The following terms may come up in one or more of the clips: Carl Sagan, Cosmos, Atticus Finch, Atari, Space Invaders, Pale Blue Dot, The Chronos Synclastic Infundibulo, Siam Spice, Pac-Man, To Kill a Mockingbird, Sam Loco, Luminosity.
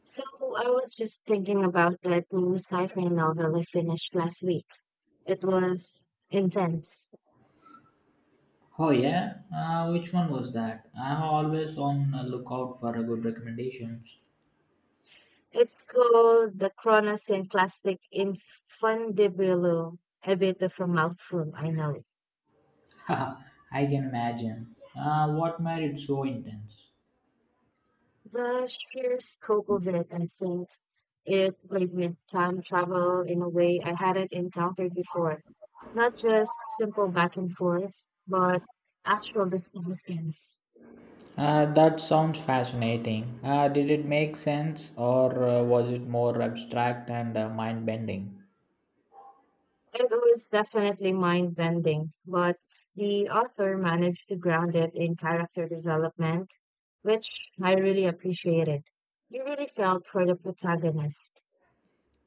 So I was just thinking about that new sci-fi novel I finished last week. It was intense. Oh yeah, which one was that? I'm always on the lookout for a good recommendations. It's called The Chronos Synclastic Infundibulo. A bit of a mouthful, I know. I can imagine. What made it so intense? The sheer scope of it, I think, it played with time travel in a way I hadn't encountered before. Not just simple back and forth, but actual discussions. That sounds fascinating. Did it make sense, or was it more abstract and mind-bending? It was definitely mind bending, but the author managed to ground it in character development, which I really appreciated. You really felt for the protagonist.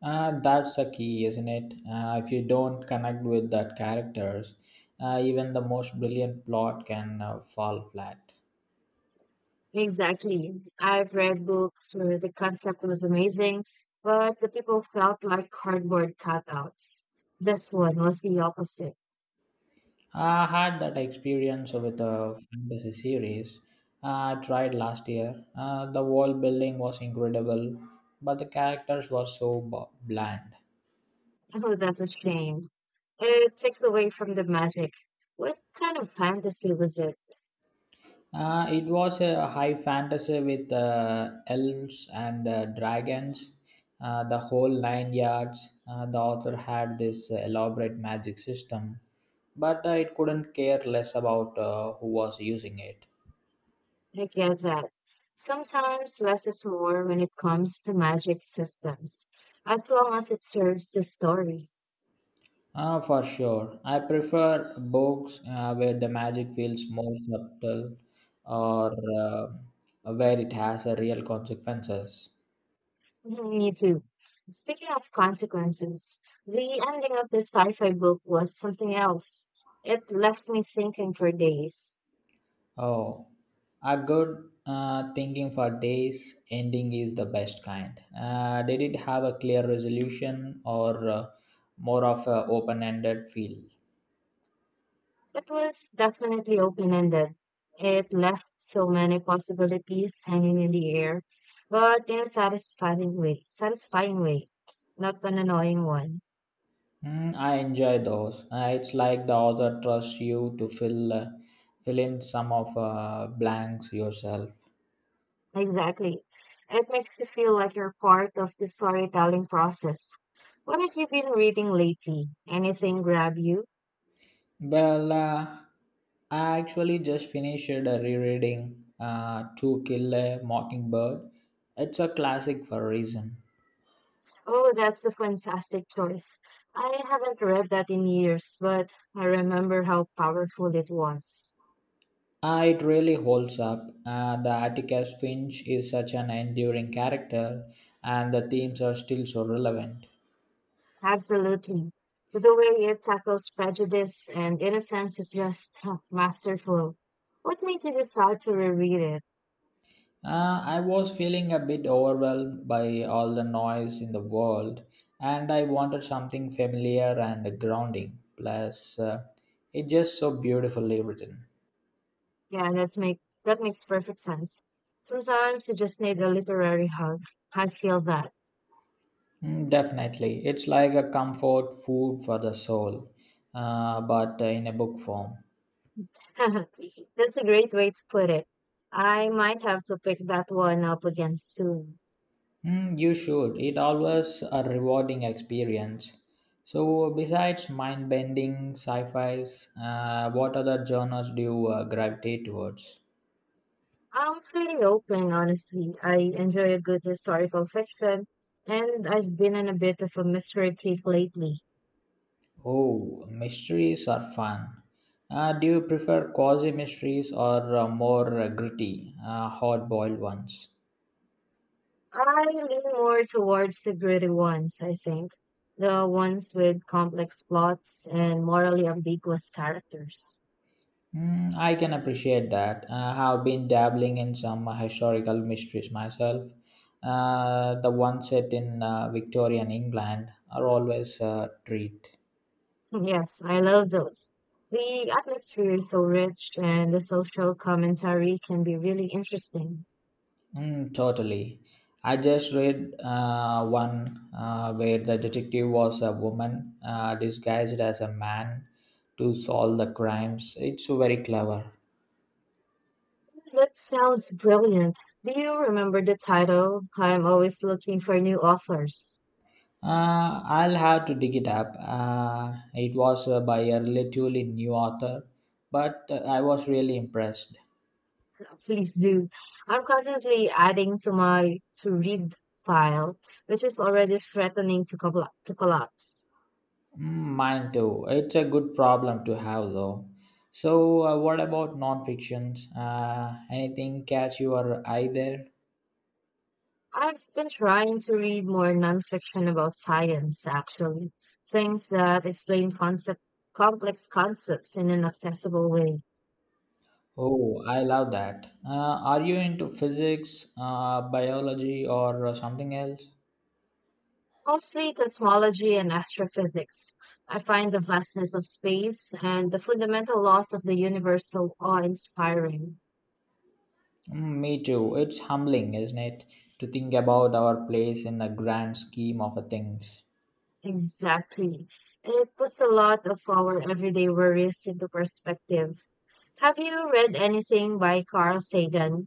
That's a key, isn't it? If you don't connect with that characters, even the most brilliant plot can fall flat. Exactly. I've read books where the concept was amazing, but the people felt like cardboard cutouts. This one was the opposite. I had that experience with a fantasy series I tried last year. The world building was incredible, but the characters were so bland. Oh, that's a shame. It takes away from the magic. What kind of fantasy was it? It was a high fantasy with elves and dragons, the whole nine yards. The author had this elaborate magic system, but it couldn't care less about who was using it. I get that. Sometimes less is more when it comes to magic systems, as long as it serves the story. Ah, for sure. I prefer books where the magic feels more subtle or uh, where it has a real consequences. Mhm, me too. Speaking of consequences, the ending of this sci fi book was something else. It left me thinking for days. Oh, a good thinking for days ending is the best kind. Did it have a clear resolution or more of a open-ended feel? It was definitely open ended. It left so many possibilities hanging in the air, but in a satisfying way, not an annoying one. Mm, I enjoy those. It's like the author trusts you to fill in some of blanks yourself. Exactly. It makes you feel like you're part of the storytelling process. What have you been reading lately? Anything grab you? Well, I actually just finished rereading To Kill a Mockingbird. It's a classic for a reason. Oh, that's a fantastic choice. I haven't read that in years, but I remember how powerful it was. It really holds up. The Atticus Finch is such an enduring character, and the themes are still so relevant. Absolutely. The way it tackles prejudice and innocence is just masterful. What made you decide to reread it? I was feeling a bit overwhelmed by all the noise in the world, and I wanted something familiar and grounding. Plus, it's just so beautifully written. Yeah, that makes perfect sense. Sometimes you just need a literary hug. I feel that. Mm, definitely. It's like a comfort food for the soul, but in a book form. That's a great way to put it. I might have to pick that one up again soon. Mm, you should. It always a rewarding experience. So, besides mind bending sci fis, what other genres do you gravitate towards? I'm pretty open, honestly. I enjoy a good historical fiction, and I've been in a bit of a mystery kick lately. Oh, mysteries are fun. Do you prefer quasi mysteries or more gritty, hard boiled ones? I lean more towards the gritty ones, I think. The ones with complex plots and morally ambiguous characters. Mm, I can appreciate that. I have been dabbling in some historical mysteries myself. The ones set in Victorian England are always a treat. Yes, I love those. The atmosphere is so rich and the social commentary can be really interesting. Mm, totally. I just read one where the detective was a woman disguised as a man to solve the crimes. It's very clever. That sounds brilliant. Do you remember the title? I'm always looking for new authors. I'll have to dig it up. It was by a relatively new author, but I was really impressed. Please do. I'm constantly adding to my to read file, which is already threatening to collapse. Mm, mine too. It's a good problem to have, though. So, what about non-fictions? Anything catch your eye there? I've been trying to read more nonfiction about science, actually, things that explain complex concepts in an accessible way, Oh, I love that. Are you into physics, biology, or something else? mostly cosmology and astrophysics. I find the vastness of space and the fundamental laws of the universe so awe-inspiring. Mm, me too. It's humbling, isn't it, to think about our place in the grand scheme of things. Exactly. It puts a lot of our everyday worries into perspective. Have you read anything by Carl Sagan?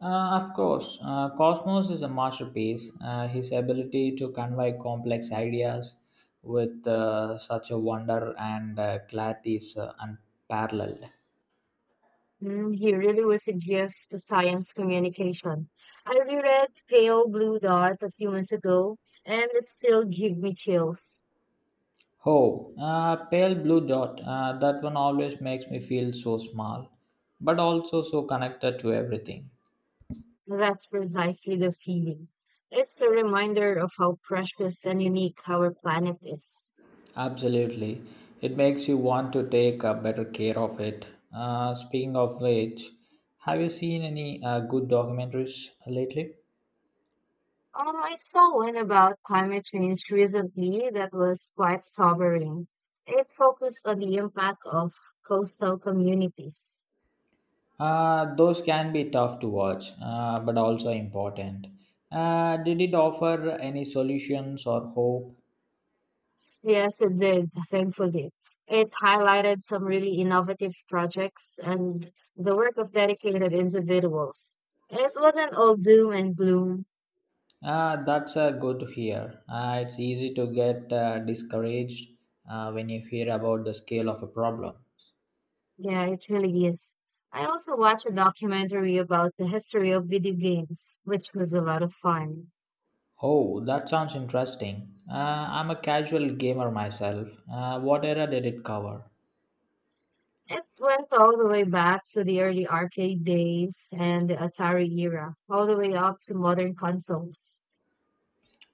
Of course, Cosmos is a masterpiece. His ability to convey complex ideas with such a wonder and clarity is unparalleled. Mm, he really was a gift to science communication. I reread Pale Blue Dot a few months ago, and it still gives me chills. Oh, pale blue dot. That one always makes me feel so small, but also so connected to everything. That's precisely the feeling. It's a reminder of how precious and unique our planet is. Absolutely. It makes you want to take a better care of it. Speaking of which, have you seen any good documentaries lately? I saw one about climate change recently that was quite sobering. It focused on the impact of coastal communities. Those can be tough to watch, but also important. Did it offer any solutions or hope? Yes, it did, thankfully. It highlighted some really innovative projects and the work of dedicated individuals. It wasn't all doom and gloom. That's good to hear. It's easy to get discouraged when you hear about the scale of a problem. Yeah, it really is. I also watched a documentary about the history of video games, which was a lot of fun. Oh, that sounds interesting. I'm a casual gamer myself. What era did it cover? It went all the way back to the early arcade days and the Atari era, all the way up to modern consoles.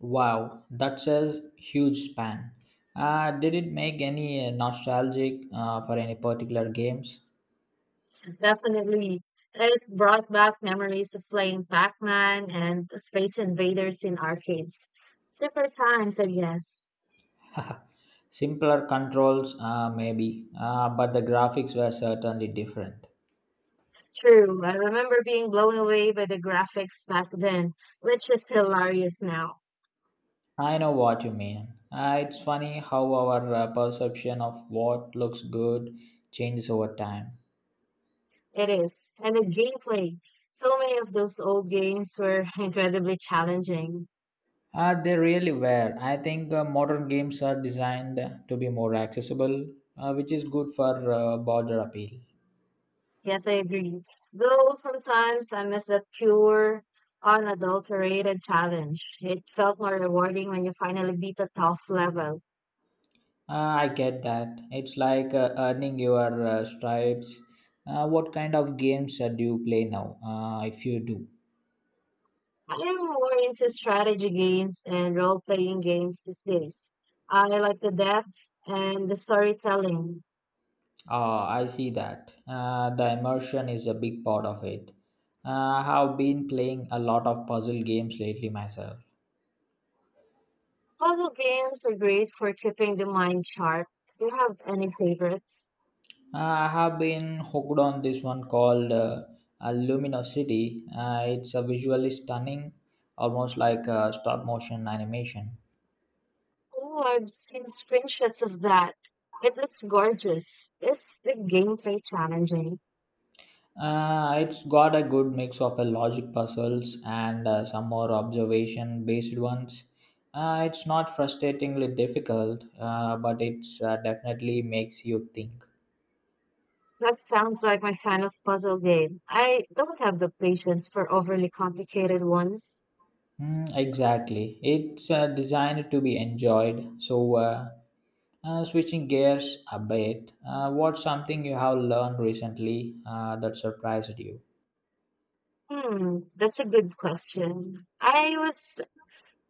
Wow, that's a huge span. Did it make any nostalgic for any particular games? Definitely. It brought back memories of playing Pac-Man and Space Invaders in arcades. Super times, I guess. Simpler controls, maybe, but the graphics were certainly different. True. I remember being blown away by the graphics back then, which is hilarious now. I know what you mean. It's funny how our perception of what looks good changes over time. It is. And the gameplay. So many of those old games were incredibly challenging. They really were. I think modern games are designed to be more accessible, which is good for broader appeal. Yes, I agree. Though sometimes I miss that pure, unadulterated challenge. It felt more rewarding when you finally beat a tough level. I get that. It's like earning your stripes. What kind of games do you play now, if you do? I am more into strategy games and role playing games these days. I like the depth and the storytelling. Ah, I see that. The immersion is a big part of it. I have been playing a lot of puzzle games lately myself. Puzzle games are great for keeping the mind sharp. Do you have any favorites? I have been hooked on this one called Luminosity. It's a visually stunning, almost like a stop motion animation. Oh, I've seen screenshots of that. It looks gorgeous. Is the gameplay challenging? It's got a good mix of a logic puzzles and some more observation based ones. It's not frustratingly difficult, but it's definitely makes you think. That sounds like my kind of puzzle game. I don't have the patience for overly complicated ones. Mm, exactly. It's designed to be enjoyed. So, switching gears a bit, what's something you have learned recently that surprised you? Hmm, that's a good question. I was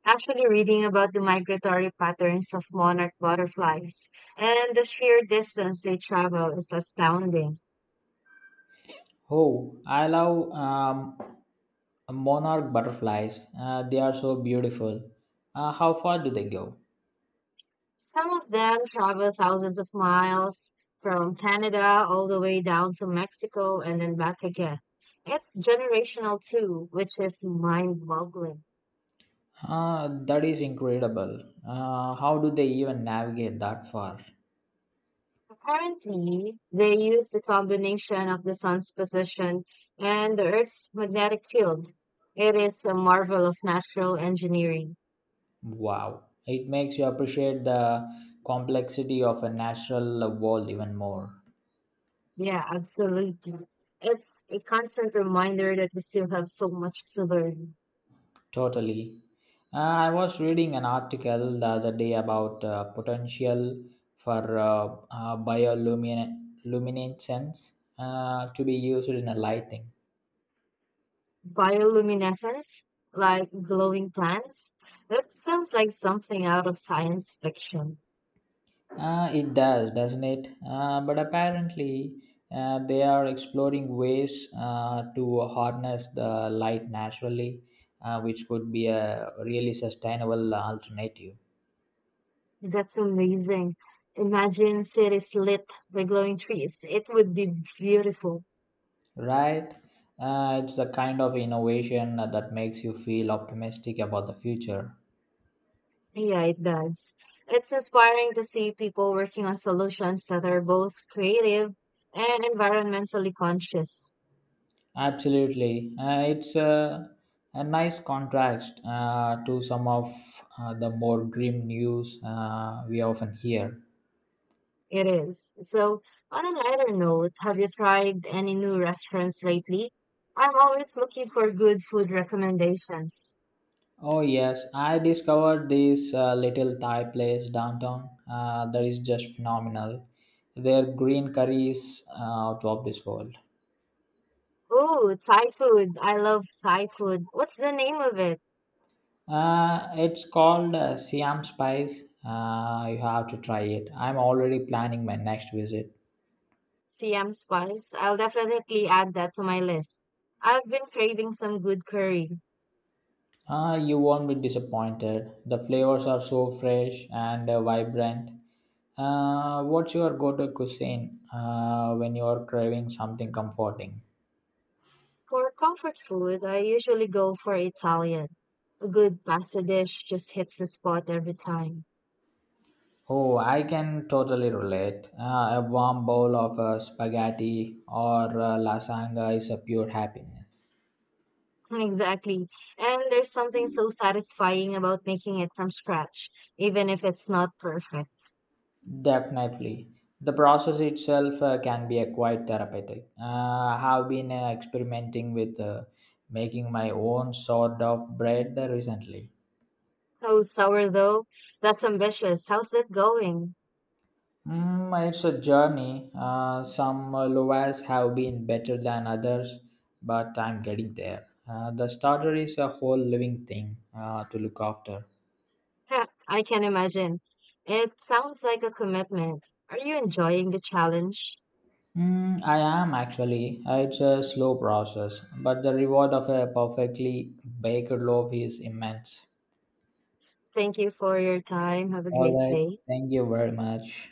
Actually, reading about the migratory patterns of monarch butterflies and the sheer distance they travel is astounding. Oh, I love monarch butterflies. They are so beautiful. How far do they go? Some of them travel thousands of miles from Canada all the way down to Mexico and then back again. It's generational too, which is mind-boggling. That is incredible. How do they even navigate that far? Apparently, they use the combination of the sun's position and the Earth's magnetic field. It is a marvel of natural engineering. Wow. It makes you appreciate the complexity of a natural world even more. Yeah, absolutely. It's a constant reminder that we still have so much to learn. Totally. I was reading an article the other day about potential for bioluminescence to be used in a lighting. Bioluminescence, like glowing plants, that sounds like something out of science fiction. It does, doesn't it? But apparently, they are exploring ways to harness the light naturally, which could be a really sustainable alternative. That's amazing. Imagine cities lit by glowing trees. It would be beautiful. Right? It's the kind of innovation that makes you feel optimistic about the future. Yeah, it does. It's inspiring to see people working on solutions that are both creative and environmentally conscious. Absolutely. It's a nice contrast to some of the more grim news we often hear. It is. So, on a lighter note, have you tried any new restaurants lately? I'm always looking for good food recommendations. Oh, yes, I discovered this little Thai place downtown that is just phenomenal. Their green curry is out of this world. Oh, Thai food. I love Thai food. What's the name of it? It's called Siam Spice. You have to try it. I'm already planning my next visit. Siam Spice. I'll definitely add that to my list. I've been craving some good curry. You won't be disappointed. The flavors are so fresh and vibrant. What's your go-to cuisine when you are craving something comforting? For comfort food, I usually go for Italian. A good pasta dish just hits the spot every time. Oh, I can totally relate. A warm bowl of spaghetti or lasagna is a pure happiness. Exactly. And there's something so satisfying about making it from scratch, even if it's not perfect. Definitely. The process itself can be a quite therapeutic. I have been experimenting with making my own sort of bread recently. Oh, sourdough, that's ambitious. How's that going? Mm, it's a journey. Some loaves have been better than others, but I'm getting there. The starter is a whole living thing to look after. Heh, I can imagine. It sounds like a commitment. Are you enjoying the challenge? Mm, I am actually. It's a slow process, but the reward of a perfectly baked loaf is immense. Thank you for your time. Have a All great right. day. Thank you very much.